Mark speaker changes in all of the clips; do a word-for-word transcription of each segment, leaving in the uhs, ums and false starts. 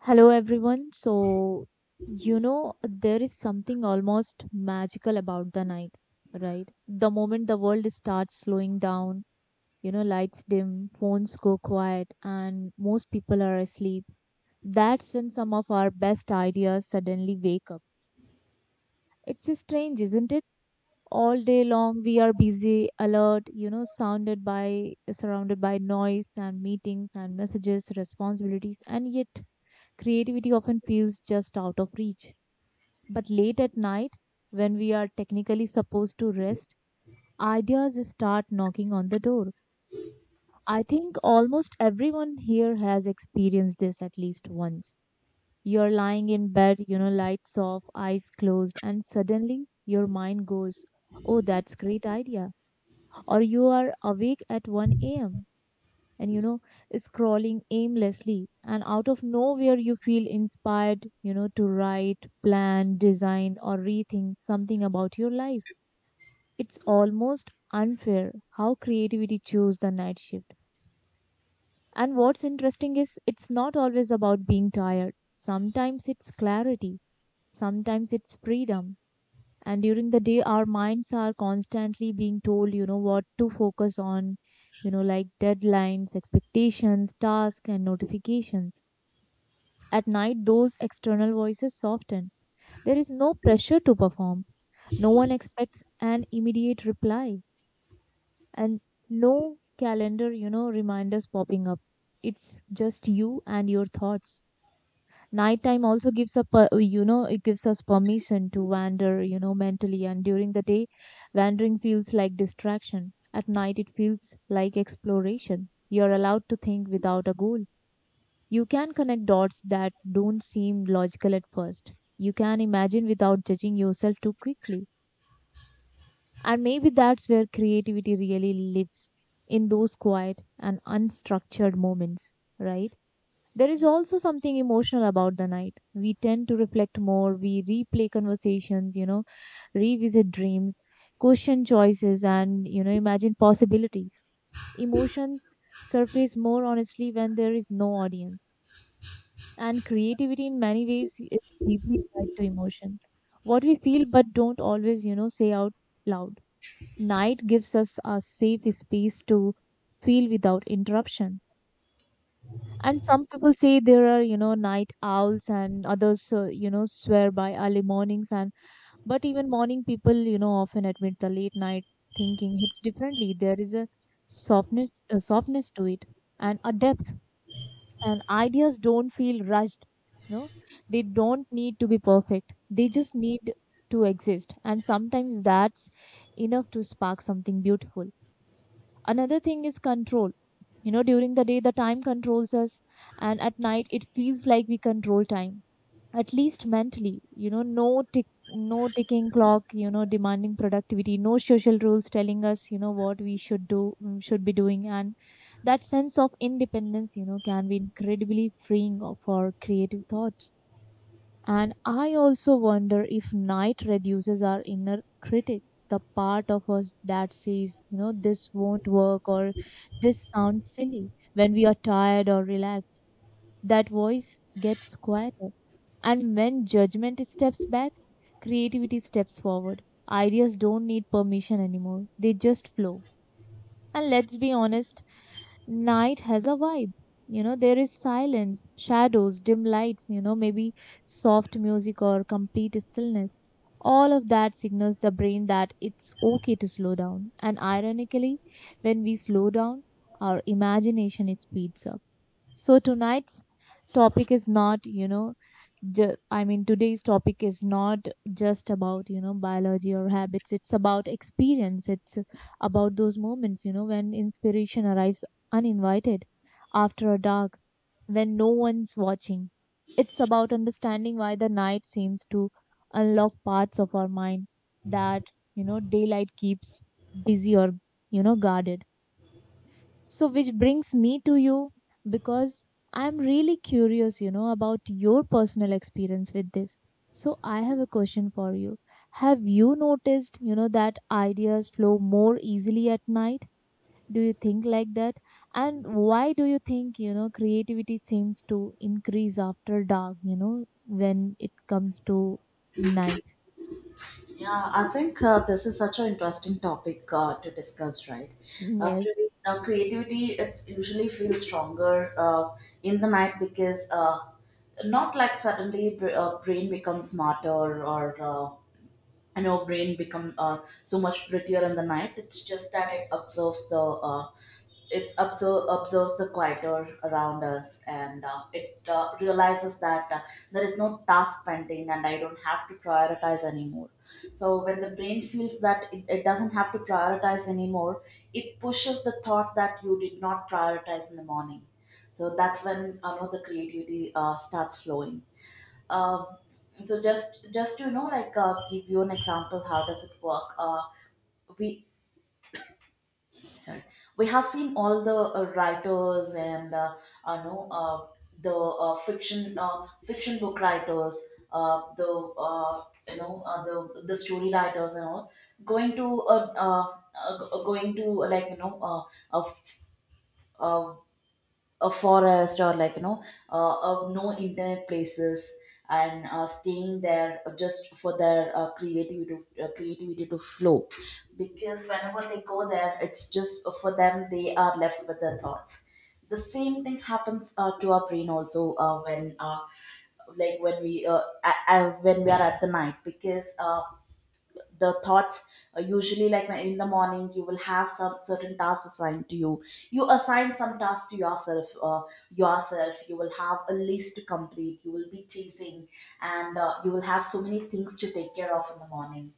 Speaker 1: Hello, everyone. So, you know, there is something almost magical about the night, right? The moment the world starts slowing down, you know, lights dim, phones go quiet, and most people are asleep, that's when some of our best ideas suddenly wake up. It's strange, isn't it? All day long, we are busy, alert, you know, sounded by, surrounded by noise and meetings and messages, responsibilities, and yet creativity often feels just out of reach. But late at night, when we are technically supposed to rest, ideas start knocking on the door. I think almost everyone here has experienced this at least once. You're lying in bed, you know, lights off, eyes closed, and suddenly your mind goes, oh, that's great idea. Or you are awake at one a m and, you know, scrolling aimlessly. And out of nowhere, you feel inspired, you know, to write, plan, design, or rethink something about your life. It's almost unfair how creativity chose the night shift. And what's interesting is it's not always about being tired. Sometimes it's clarity, sometimes it's freedom. And during the day, our minds are constantly being told, you know, what to focus on, you know, like deadlines, expectations, tasks, and notifications. At night, those external voices soften. There is no pressure to perform. No one expects an immediate reply. And no calendar, you know, reminders popping up. It's just you and your thoughts. Nighttime also gives a, per- you know, it gives us permission to wander, you know, mentally. And during the day, wandering feels like distraction. At night, it feels like exploration. You're allowed to think without a goal. You can connect dots that don't seem logical at first. You can imagine without judging yourself too quickly, and maybe that's where creativity really lives, in those quiet and unstructured moments, right? There is also something emotional about the night. We tend to reflect more, we replay conversations, you know, revisit dreams, question choices, and, you know, imagine possibilities. Emotions surface more honestly when there is no audience. And creativity, in many ways, is deeply tied to emotion. What we feel but don't always, you know, say out loud. Night gives us a safe space to feel without interruption. And some people say there are, you know, night owls and others, uh, you know, swear by early mornings. And but even morning people, you know, often admit the late night thinking hits differently. There is a softness, a softness to it, and a depth. And ideas don't feel rushed. You know, they don't need to be perfect. They just need to exist. And sometimes that's enough to spark something beautiful. Another thing is control. You know, during the day, the time controls us, and at night, it feels like we control time, at least mentally. You know, no tick, no ticking clock, you know, demanding productivity, no social rules telling us, you know, what we should do, mm, should be doing. And that sense of independence, you know, can be incredibly freeing o- for creative thought. And I also wonder if night reduces our inner critic, the part of us that says, you know, this won't work, or this sounds silly when we are tired or relaxed. That voice gets quieter. And when judgment steps back, creativity steps forward. Ideas don't need permission anymore, they just flow. And let's be honest, night has a vibe. You know there is silence, shadows, dim lights, you know maybe soft music or complete stillness. All of that signals the brain that it's okay to slow down, and ironically, when we slow down, our imagination, it speeds up. So tonight's topic is not you know ju- I mean, today's topic is not just about, you know, biology or habits. It's about experience. It's about those moments, you know, when inspiration arrives uninvited after a dark, when no one's watching. It's about understanding why the night seems to unlock parts of our mind that, you know, daylight keeps busy or, you know, guarded. So, which brings me to you because I'm really curious, you know, about your personal experience with this. So, I have a question for you. Have you noticed, you know, that ideas flow more easily at night? Do you think like that? And why do you think, you know, creativity seems to increase after dark, you know, when it comes to night?
Speaker 2: Yeah, I think uh, this is such an interesting topic uh, to discuss, right? Uh,
Speaker 1: Yes,
Speaker 2: cre- uh, creativity, it usually feels stronger uh, in the night because uh, not like suddenly br- uh, brain becomes smarter or uh, and your brain become uh, so much prettier in the night. It's just that it observes the uh, it observe, observes the quieter around us, and uh, it uh, realizes that uh, there is no task pending and I don't have to prioritize anymore. So when the brain feels that it, it doesn't have to prioritize anymore, it pushes the thought that you did not prioritize in the morning. So that's when uh, know the creativity uh, starts flowing. Um, so just just to you know, like uh, give you an example, how does it work? Uh, we sorry, we have seen all the uh, writers and uh, uh, no, uh, the uh, fiction uh, fiction book writers, uh, the uh, you know uh, the the story writers and all going to uh, uh, uh, g- going to like you know uh, uh, f- uh, a forest, or like you know uh, of no internet places, and uh, staying there just for their uh, creativity to, uh, creativity to flow, because whenever they go there it's just for them, they are left with their thoughts. The same thing happens uh, to our brain also uh, when uh, like when we uh, a- a- when we are at the night, because uh, the thoughts uh, usually, like when in the morning you will have some certain tasks assigned to you, you assign some tasks to yourself uh, yourself. You will have a list to complete, you will be chasing, and uh, you will have so many things to take care of in the morning.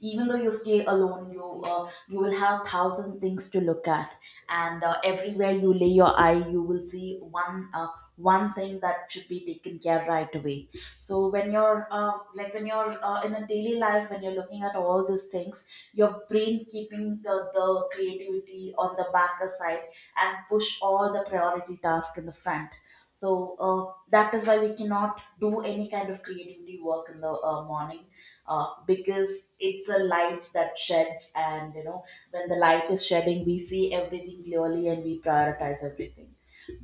Speaker 2: Even though you stay alone, you uh, you will have thousand things to look at, and uh, everywhere you lay your eye you will see one uh, one thing that should be taken care right away. So when you're uh, like when you're uh, in a daily life, when you're looking at all these things, your brain keeping the, the creativity on the back side and push all the priority tasks in the front. So uh, that is why we cannot do any kind of creativity work in the uh, morning, uh, because it's a light that sheds, and you know, when the light is shedding we see everything clearly and we prioritize everything.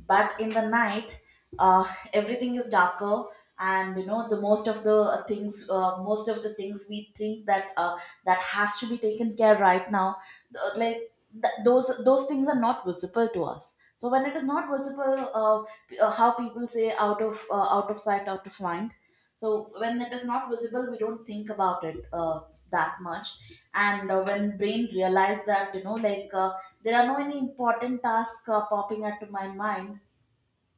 Speaker 2: But in the night, uh, everything is darker, and you know, the most of the uh, things uh, most of the things we think that uh, that has to be taken care right now, uh, like th- those those things are not visible to us. So when it is not visible, uh, p- uh, how people say, out of uh, out of sight, out of mind. So when it is not visible, we don't think about it uh, that much. And uh, when brain realize that, you know, like uh, there are no any important tasks uh, popping up to my mind,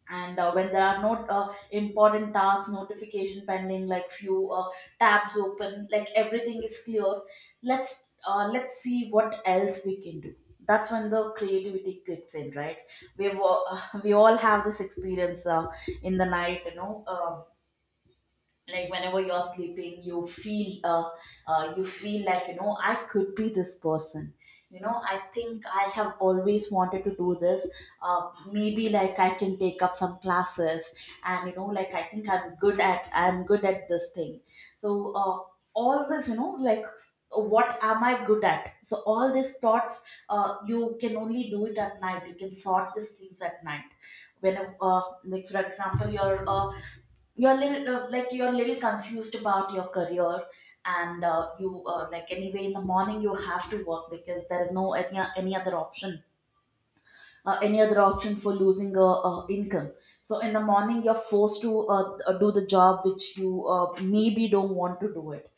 Speaker 2: and uh, when there are no uh, important tasks notification pending, like few uh, tabs open, like everything is clear. Let's uh, let's see what else we can do. That's when the creativity kicks in, right? We have, uh, we all have this experience uh, in the night, you know. Um, like whenever you're sleeping you feel uh, uh you feel like, you know, I could be this person. You know, I think I have always wanted to do this. Uh, maybe like I can take up some classes. And you know, like, I think i'm good at i'm good at this thing. So uh, all this, you know, like, what am I good at? So all these thoughts, uh, you can only do it at night, you can sort these things at night. When uh, like for example you're uh, you're little, uh, like you're a little confused about your career, and uh, you uh, like anyway in the morning you have to work because there is no any, any other option, uh, any other option for losing a, uh, income. So in the morning you're forced to uh, uh, do the job which you uh, maybe don't want to do it.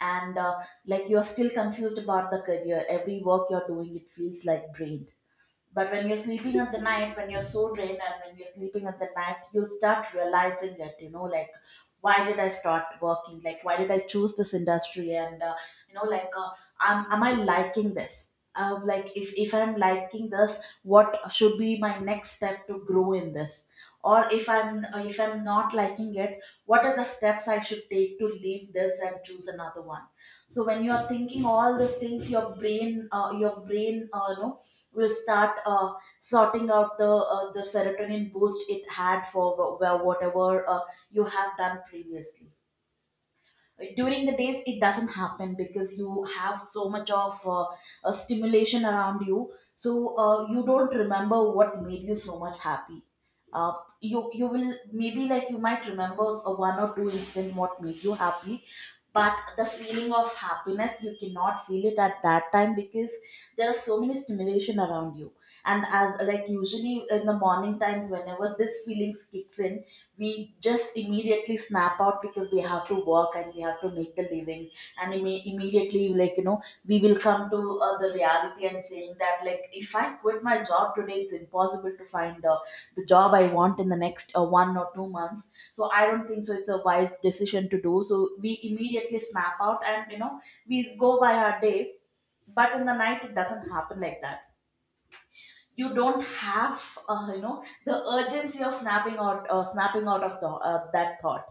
Speaker 2: And uh, like you're still confused about the career, every work you're doing it feels like drained. But when you're sleeping at the night, when you're so drained, and when you're sleeping at the night, you start realizing it, you know, like, why did I start working? Like, why did I choose this industry? And, uh, you know, like, uh, am, am I liking this? Uh, like, if, if I'm liking this, what should be my next step to grow in this? Or if I'm if I'm not liking it, what are the steps I should take to leave this and choose another one? So when you are thinking all these things, your brain uh, your brain, uh, you know, will start uh, sorting out the uh, the serotonin boost it had for wh- wh- whatever uh, you have done previously. During the days it doesn't happen because you have so much of uh, uh, stimulation around you. So uh, you don't remember what made you so much happy. Uh, you you will maybe like, you might remember a one or two instant what made you happy, but the feeling of happiness you cannot feel it at that time because there are so many stimulation around you. And as like usually in the morning times, whenever this feelings kicks in, we just immediately snap out because we have to work and we have to make the living. And imme- immediately, like you know, we will come to uh, the reality and saying that, like, if I quit my job today, it's impossible to find uh, the job I want in the next uh, one or two months, so I don't think so it's a wise decision to do. So we immediately snap out, and you know, we go by our day. But in the night it doesn't happen like that. You don't have, uh, you know, the urgency of snapping out uh, snapping out of the, uh, that thought.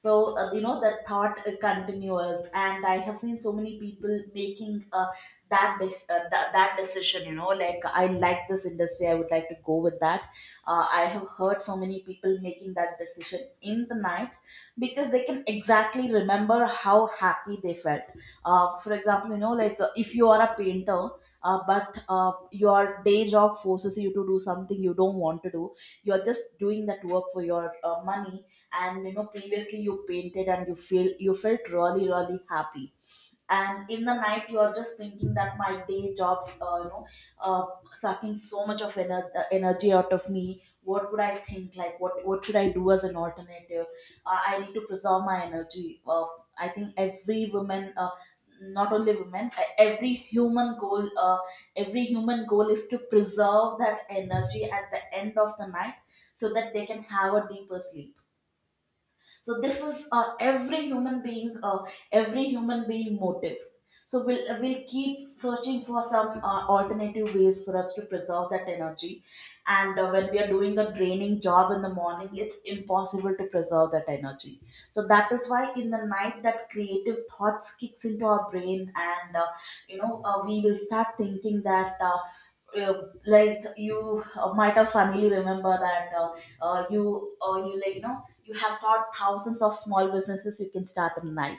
Speaker 2: So uh, you know, that thought uh, continues, and I have seen so many people making, uh, that dis- uh, that, that decision, you know, like, I like this industry, I would like to go with that. uh, I have heard so many people making that decision in the night because they can exactly remember how happy they felt. Uh, for example, you know, like, uh, if you are a painter, uh, but uh, your day job forces you to do something you don't want to do, you're just doing that work for your uh, money. And you know, previously you painted and you feel, you felt really really happy. And in the night you are just thinking that my day jobs, uh, you know, uh, sucking so much of ener- uh, energy out of me, what would I think, like, what what should I do as an alternative? uh, I need to preserve my energy. uh, I think every woman, uh, not only women, uh, every human goal uh, every human goal is to preserve that energy at the end of the night, so that they can have a deeper sleep. So this is uh, every human being uh, every human being motive. So we'll we'll keep searching for some uh, alternative ways for us to preserve that energy. And uh, when we are doing a draining job in the morning, it's impossible to preserve that energy. So that is why in the night that creative thoughts kicks into our brain, and uh, you know uh, we will start thinking that uh, uh, like you uh, might have finally remember that uh, uh, you or you, like you know, you have thought thousands of small businesses you can start in night.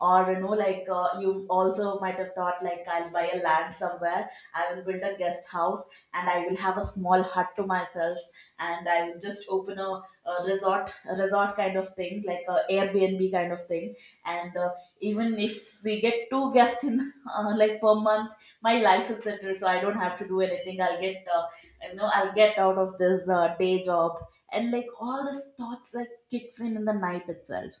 Speaker 2: Or you know, like, uh, you also might have thought like, I'll buy a land somewhere, I will build a guest house, and I will have a small hut to myself. And I will just open a, a resort a resort kind of thing, like a airbnb kind of thing. And uh, even if we get two guests in uh, like per month, my life is settled, so I don't have to do anything. I'll get, uh, you know, I'll get out of this uh, day job. And like all these thoughts like kicks in in the night itself.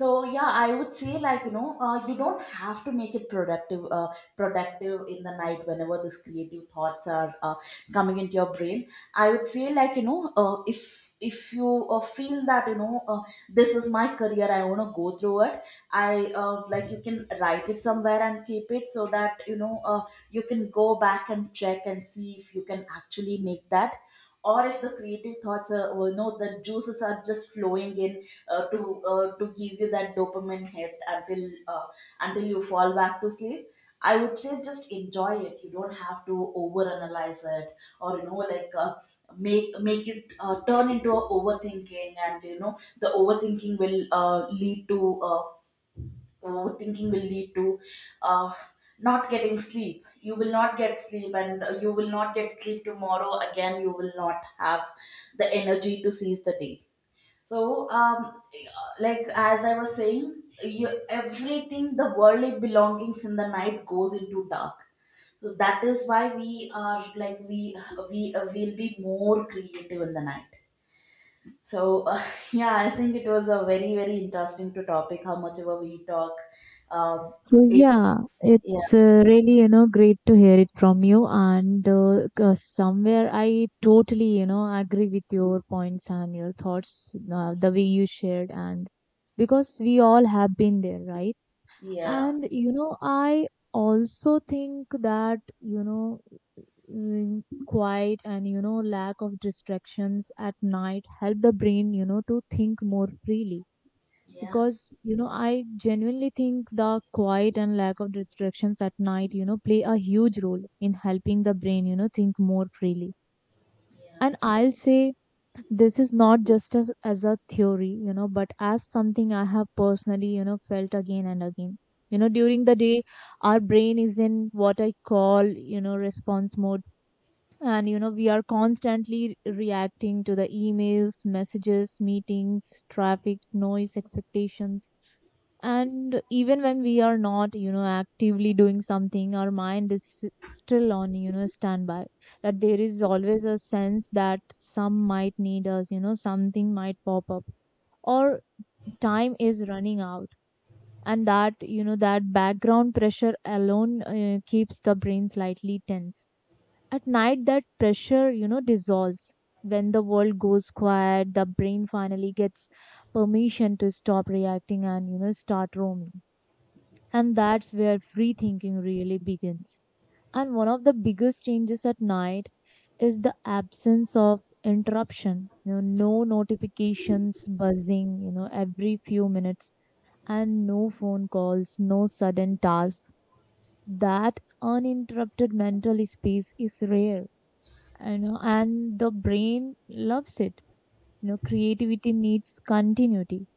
Speaker 2: So yeah, I would say, like you know, uh, you don't have to make it productive uh, productive in the night whenever these creative thoughts are uh, coming into your brain. I would say, like you know, uh, if if you uh, feel that, you know, uh, this is my career, I want to go through it. I uh, Like, you can write it somewhere and keep it so that you know uh, you can go back and check and see if you can actually make that. Or if the creative thoughts are, you know, the juices are just flowing in uh, to uh, to give you that dopamine hit until uh, until you fall back to sleep. I would say just enjoy it. You don't have to overanalyze it. Or you know like uh, make make it uh, turn into a overthinking. And you know, the overthinking will uh, lead to uh, overthinking will lead to uh, not getting sleep. You will not get sleep, and uh, you will not get sleep tomorrow. Again, you will not have the energy to seize the day. So, um, like as I was saying, you, everything, the worldly belongings in the night goes into dark. So that is why we are, like, we we uh, will be more creative in the night. So uh, yeah, I think it was a very very interesting to topic. How much ever we talk, um,
Speaker 1: So,
Speaker 2: it
Speaker 1: yeah,
Speaker 2: yeah,
Speaker 1: it's uh, really you know great to hear it from you, and uh, 'cause somewhere I totally you know agree with your points and your thoughts, uh, the way you shared, and because we all have been there, right?
Speaker 2: yeah,
Speaker 1: And you know, I also think that you know mm, quiet and you know lack of distractions at night help the brain you know to think more freely,
Speaker 2: yeah,
Speaker 1: because you know I genuinely think the quiet and lack of distractions at night you know play a huge role in helping the brain you know think more freely.
Speaker 2: yeah.
Speaker 1: And I'll say this is not just as, as a theory, you know but as something I have personally you know felt again and again. You know during the day, our brain is in what I call, you know response mode, and you know we are constantly reacting to the emails, messages, meetings, traffic, noise, expectations. And even when we are not you know actively doing something, our mind is s- still on, you know standby. That there is always a sense that some might need us, you know something might pop up, or time is running out. And that you know that background pressure alone uh, keeps the brain slightly tense. At night, that pressure, you know dissolves. When the world goes quiet, the brain finally gets permission to stop reacting and, you know start roaming. And that's where free thinking really begins. And one of the biggest changes at night is the absence of interruption. You know, no notifications buzzing, you know, every few minutes, and no phone calls, no sudden tasks. That uninterrupted mental space is rare, you know, and the brain loves it. You know, creativity needs continuity,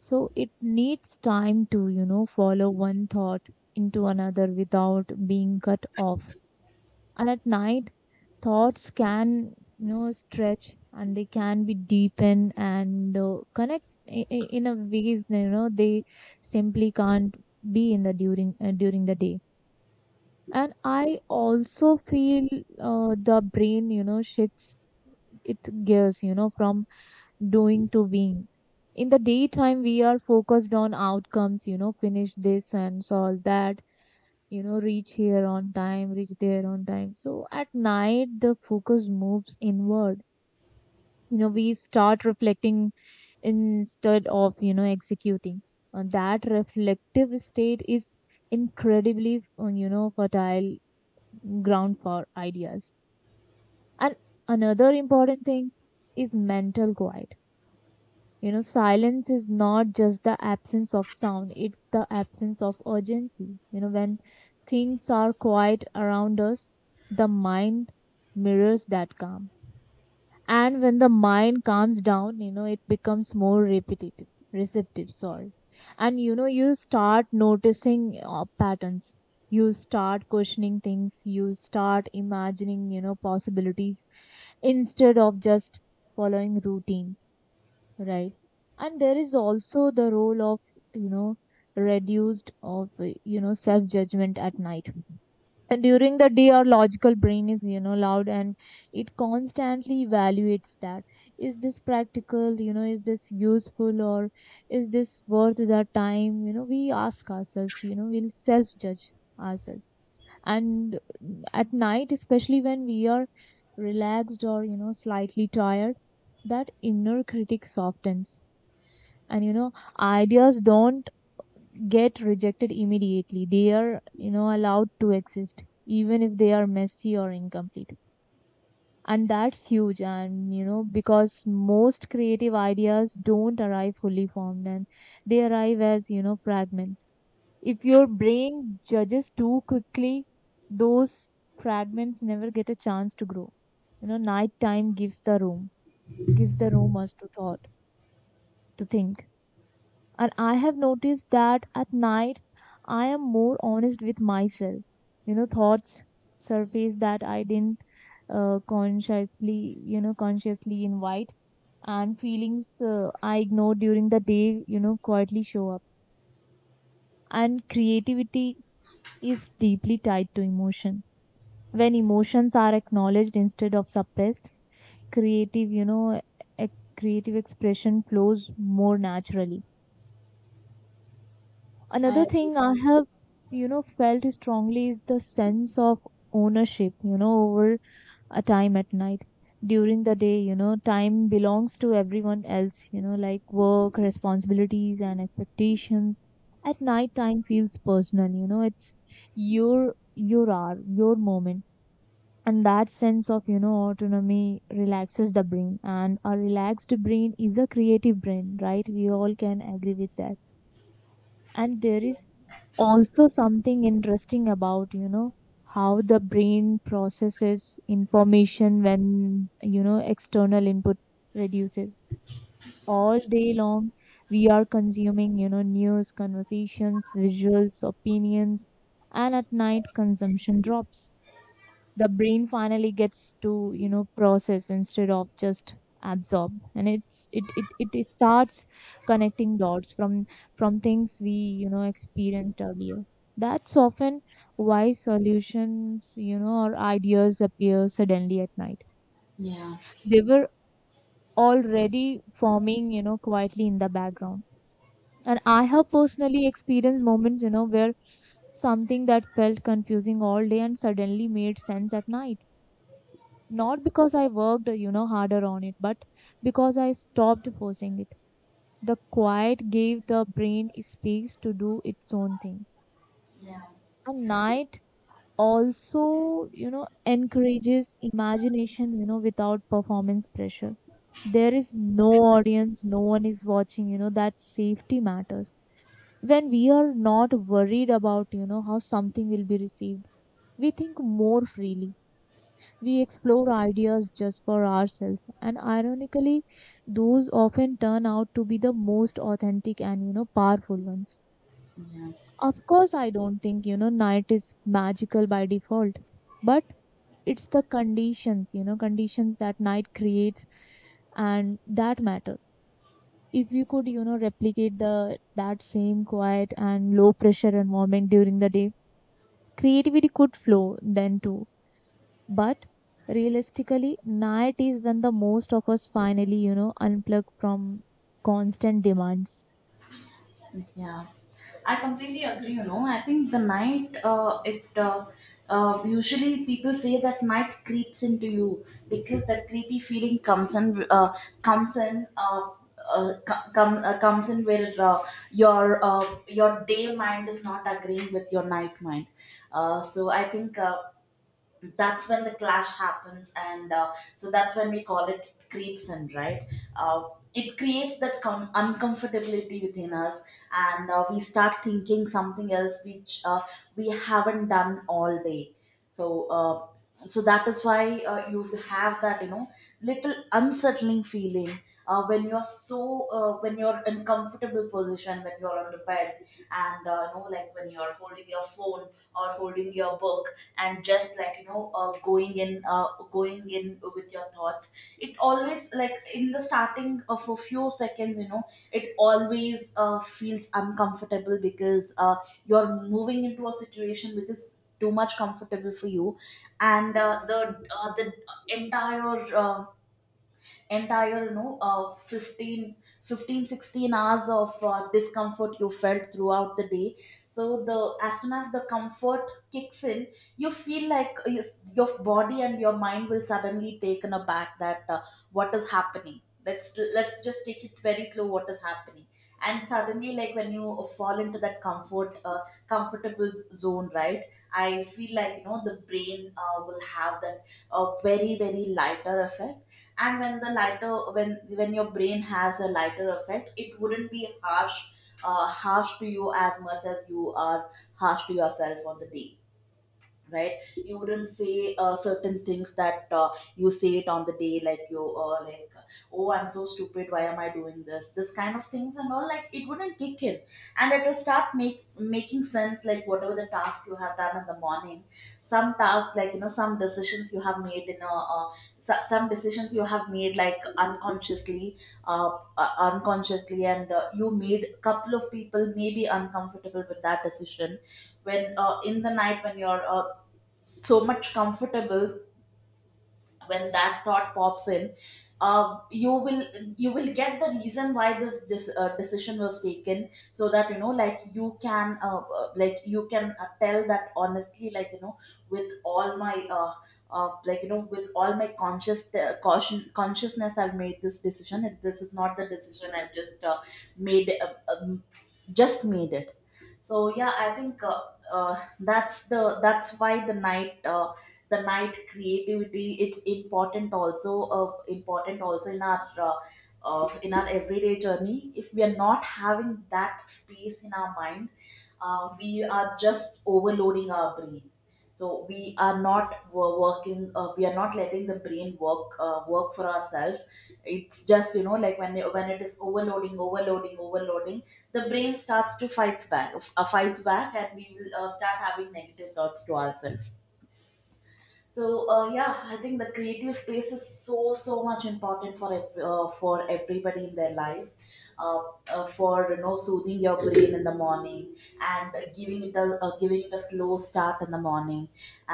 Speaker 1: so it needs time to, you know, follow one thought into another without being cut off. And at night, thoughts can, you know, stretch, and they can be deepened and uh, connect i- i- in a ways, you know, they simply can't be in the during uh, during the day. And I also feel uh, the brain, you know, shifts its gears, you know, from doing to win. In the daytime, we are focused on outcomes, you know, finish this and solve that, you know, reach here on time, reach there on time. So at night, the focus moves inward. You know, we start reflecting instead of, you know, executing. And that reflective state is incredibly, uh, you know, fertile ground for ideas. And another important thing is mental quiet. You know, silence is not just the absence of sound, it's the absence of urgency. You know, when things are quiet around us, the mind mirrors that calm. And when the mind calms down, you know, it becomes more repetitive, receptive, sorry. And you know, you start noticing uh, patterns. You start questioning things. You start imagining, you know, possibilities instead of just following routines. Right. And there is also the role of, you know, reduced of, uh, you know, self judgment at night. And during the day, our logical brain is, you know loud, and it constantly evaluates that: is this practical, you know is this useful, or is this worth the time? You know we ask ourselves, you know we'll self judge ourselves. And at night, especially when we are relaxed or, you know slightly tired, that inner critic softens. And you know ideas don't get rejected immediately. They are, you know, allowed to exist even if they are messy or incomplete. And that's huge. And, you know, because most creative ideas don't arrive fully formed, and they arrive as, you know, fragments. If your brain judges too quickly, those fragments never get a chance to grow. You know, nighttime gives the room, gives the room us to thought, to think. And I have noticed that at night, I am more honest with myself. You know, thoughts surface that I didn't uh, consciously, you know, consciously invite, and feelings, uh, I ignore during the day, you know, quietly show up. And creativity is deeply tied to emotion. When emotions are acknowledged instead of suppressed, creative, you know, e- creative expression flows more naturally. Another
Speaker 2: I,
Speaker 1: thing I have, you know, felt strongly is the sense of ownership, you know, over a time at night. During the day, you know, time belongs to everyone else, you know, like work, responsibilities, and expectations. At night, time feels personal, you know, it's your your hour, your moment. And that sense of, you know, autonomy relaxes the brain. And a relaxed brain is a creative brain, right? We all can agree with that. And there is also something interesting about you know how the brain processes information when you know external input reduces. All day long we are consuming, you know news, conversations, visuals, opinions, and at night consumption drops. The brain finally gets to, you know process instead of just absorb, and it's it it, it starts connecting dots from from things we, you know experienced earlier. That's often why solutions, you know or ideas appear suddenly at night.
Speaker 2: yeah,
Speaker 1: They were already forming, you know quietly in the background. And I have personally experienced moments, you know where something that felt confusing all day and suddenly made sense at night, not because I worked, you know, harder on it, but because I stopped forcing it. The quiet gave the brain space to do its own thing.
Speaker 2: yeah.
Speaker 1: And night also, you know, encourages imagination, you know, without performance pressure. There is no audience, no one is watching, you know, that safety matters. When we are not worried about, you know, how something will be received, we think more freely. We explore ideas just for ourselves, and ironically, those often turn out to be the most authentic and you know powerful ones.
Speaker 2: Yeah.
Speaker 1: Of course, I don't think you know night is magical by default, but it's the conditions, you know conditions that night creates, and that matter. If you could you know replicate the that same quiet and low pressure environment during the day, creativity could flow then too. But realistically, night is when the most of us finally, you know, unplug from constant demands.
Speaker 2: Yeah, I completely agree. You
Speaker 1: Yes,
Speaker 2: know, I think the night, uh, it uh, uh, usually people say that night creeps into you because that creepy feeling comes in, uh, comes in, uh, uh, co- come, uh, comes in, where uh, your uh, your day mind is not agreeing with your night mind. Uh, so I think. Uh, that's when the clash happens, and uh, so that's when we call it creeps in, right? uh, it creates that com- uncomfortability within us, and uh, we start thinking something else, which uh, we haven't done all day. So uh, so that is why uh, you have that, you know, little unsettling feeling uh, when you're so uh, when you're in comfortable position, when you're on the bed, and uh, you know, like when you're holding your phone or holding your book, and just, like, you know uh, going in uh, going in with your thoughts, it always, like, in the starting of a few seconds, you know, it always uh, feels uncomfortable, because uh, you're moving into a situation which is too much comfortable for you. And uh, the uh, the entire uh, entire, you know uh, fifteen fifteen sixteen hours of uh, discomfort you felt throughout the day. So the as soon as the comfort kicks in, you feel like you, your body and your mind will suddenly taken aback, that uh, what is happening. Let's let's just take it very slow. What is happening? And suddenly, like, when you fall into that comfort uh, comfortable zone, right? I feel like, you know, the brain uh, will have that a very very lighter effect. And when the lighter when when your brain has a lighter effect, it wouldn't be harsh uh, harsh to you as much as you are harsh to yourself on the day, right? You wouldn't say uh, certain things that uh, you say it on the day. Like, you uh, like oh, I'm so stupid, why am I doing this, this kind of things and all, like it wouldn't kick in. And it'll start make making sense, like whatever the task you have done in the morning, some tasks, like, you know, some decisions you have made in a uh, so- some decisions you have made, like, unconsciously uh, uh, unconsciously, and uh, you made a couple of people maybe uncomfortable with that decision. When uh, in the night, when you're uh, so much comfortable, when that thought pops in, uh, you will you will get the reason why this this uh, decision was taken, so that, you know, like, you can uh, uh, like you can uh, tell that honestly, like, you know, with all my uh, uh, like you know with all my conscious, uh, caution consciousness, I've made this decision. This is not the decision I've just uh, made uh, um, just made it. So yeah, I think uh, uh, that's the that's why the night, uh, the night creativity, it's important, also uh, important also in our uh, uh, in our everyday journey. If we are not having that space in our mind, uh, we are just overloading our brain. So we are not wo- working uh, we are not letting the brain work uh, work for ourselves. It's just, you know, like, when it, when it is overloading, overloading, overloading. The brain starts to fight back uh, fights back, and we will uh, start having negative thoughts to ourselves. So uh, yeah, I think the creative space is so so much important for ev- uh, for everybody in their life, uh, uh, for, you know, soothing your brain in the morning, and uh, giving it a uh, giving it a slow start in the morning,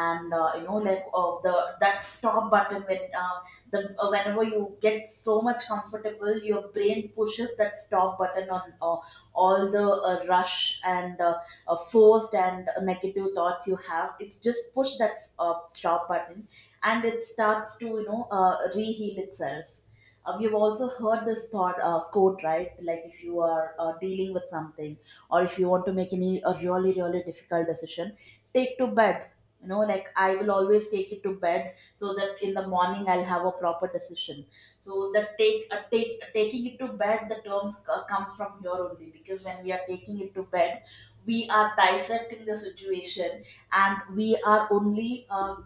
Speaker 2: and uh, you know, like, uh, the that stop button, when uh, the uh, whenever you get so much comfortable, your brain pushes that stop button on uh, all the uh, rush and uh, uh, forced and negative thoughts you have. It's just push that uh, stop button, and it starts to, you know, uh, reheal itself. Uh, you've also heard this thought uh, quote, right? Like, if you are uh, dealing with something, or if you want to make any a really really difficult decision, take to bed. You know, like, I will always take it to bed, so that in the morning I'll have a proper decision. So that take uh, take taking it to bed, the terms c- comes from here only, because when we are taking it to bed, we are dissecting the situation, and we are only uh,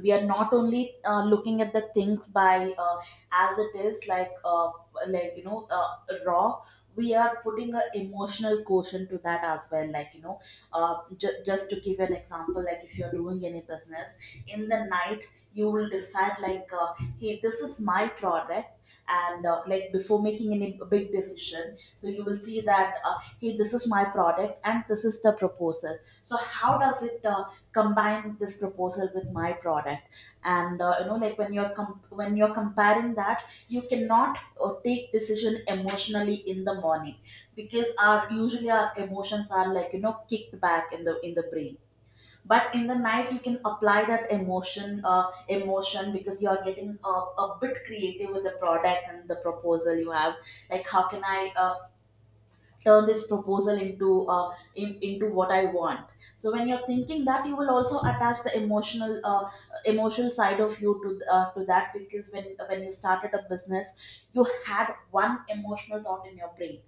Speaker 2: we are not only uh, looking at the things by uh, as it is, like, uh, like you know uh, raw. We are putting an emotional quotient to that as well, like, you know, uh, ju- just to give an example, like if you're doing any business in the night, you will decide like, uh, hey, this is my product. And uh, like, before making any big decision, so you will see that, uh, hey, this is my product and this is the proposal, so how does it uh, combine this proposal with my product? And uh, you know, like, when you're com- when you're comparing that, you cannot uh, take decision emotionally in the morning, because our, usually our emotions are, like, you know, kicked back in the in the brain. But in the night, you can apply that emotion uh, emotion, because you are getting a, a bit creative with the product and the proposal you have. Like, how can I uh, turn this proposal into uh, in, into what I want? So when you're thinking that, you will also attach the emotional uh, emotional side of you to uh, to that. Because when when you started a business, you had one emotional thought in your brain.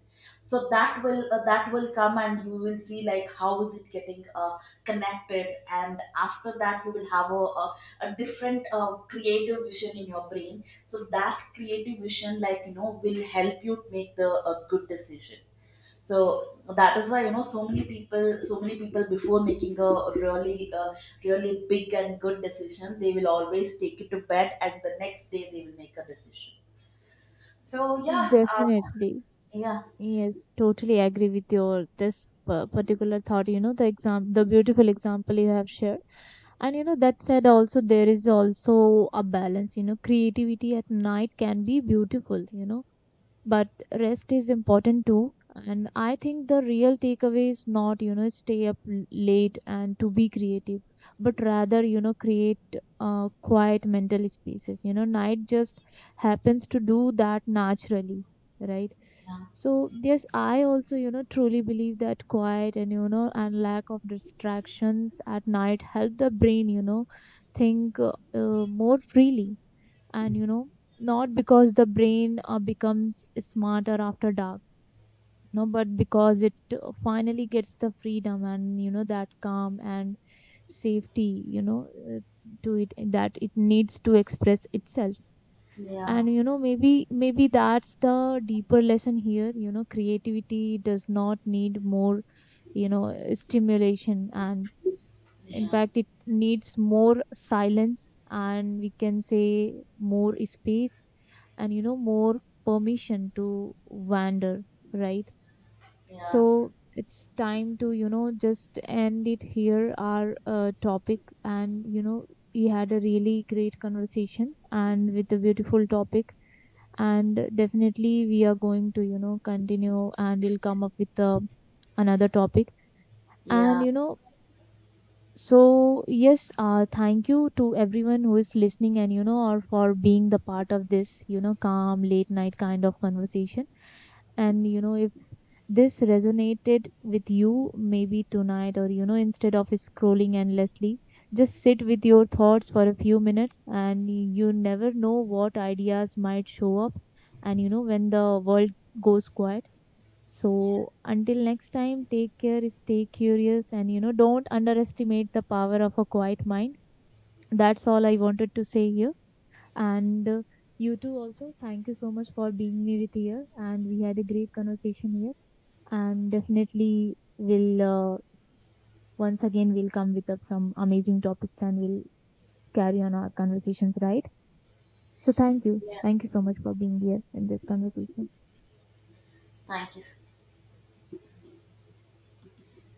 Speaker 2: So that will uh, that will come, and you will see, like, how is it getting uh, connected. And after that, you will have a, a, a different uh, creative vision in your brain. So that creative vision, like, you know, will help you make the a good decision. So that is why, you know, so many people, so many people, before making a really uh, really big and good decision, they will always take it to bed, and the next day they will make a decision. So yeah uh,
Speaker 1: definitely.
Speaker 2: Yeah,
Speaker 1: Yes, totally agree with your this pa- particular thought. You know, the exam, the beautiful example you have shared. And, you know, that said, also there is also a balance. You know, creativity at night can be beautiful. You know, but rest is important too. And I think the real takeaway is not, you know stay up l- late and to be creative, but rather, you know create uh, quiet mental spaces, you know night just happens to do that naturally, right?
Speaker 2: yeah,
Speaker 1: So yes, I also, you know truly believe that quiet and, you know and lack of distractions at night help the brain, you know think, uh, uh, more freely. And, you know not because the brain uh, becomes smarter after dark. No, but because it uh, finally gets the freedom and, you know that calm and safety, you know uh, to it that it needs to express itself.
Speaker 2: yeah,
Speaker 1: And, you know maybe maybe that's the deeper lesson here. You know creativity does not need more, you know stimulation, and in
Speaker 2: yeah,
Speaker 1: fact it needs more silence, and we can say more space, and, you know more permission to wander, right?
Speaker 2: yeah,
Speaker 1: So it's time to, you know just end it here, our uh, topic. And, you know we had a really great conversation and with a beautiful topic, and definitely we are going to, you know continue and we'll come up with uh, another topic. And,
Speaker 2: yeah,
Speaker 1: you know so yes, uh, thank you to everyone who is listening and, you know or for being the part of this, you know calm late night kind of conversation. And, you know if this resonated with you, maybe tonight or, you know instead of scrolling endlessly, just sit with your thoughts for a few minutes, and you never know what ideas might show up. And, you know when the world goes quiet,
Speaker 2: yeah,
Speaker 1: so until next time, take care, stay curious, and, you know, don't underestimate the power of a quiet mind. That's all I wanted to say here. And uh, you too, also, thank you so much for being me with here. And we had a great conversation here. And definitely, we'll uh, once again we'll come with up some amazing topics, and we'll carry on our conversations, right? So thank you,
Speaker 2: yeah.
Speaker 1: thank you so much for being here in this conversation.
Speaker 2: Thank you.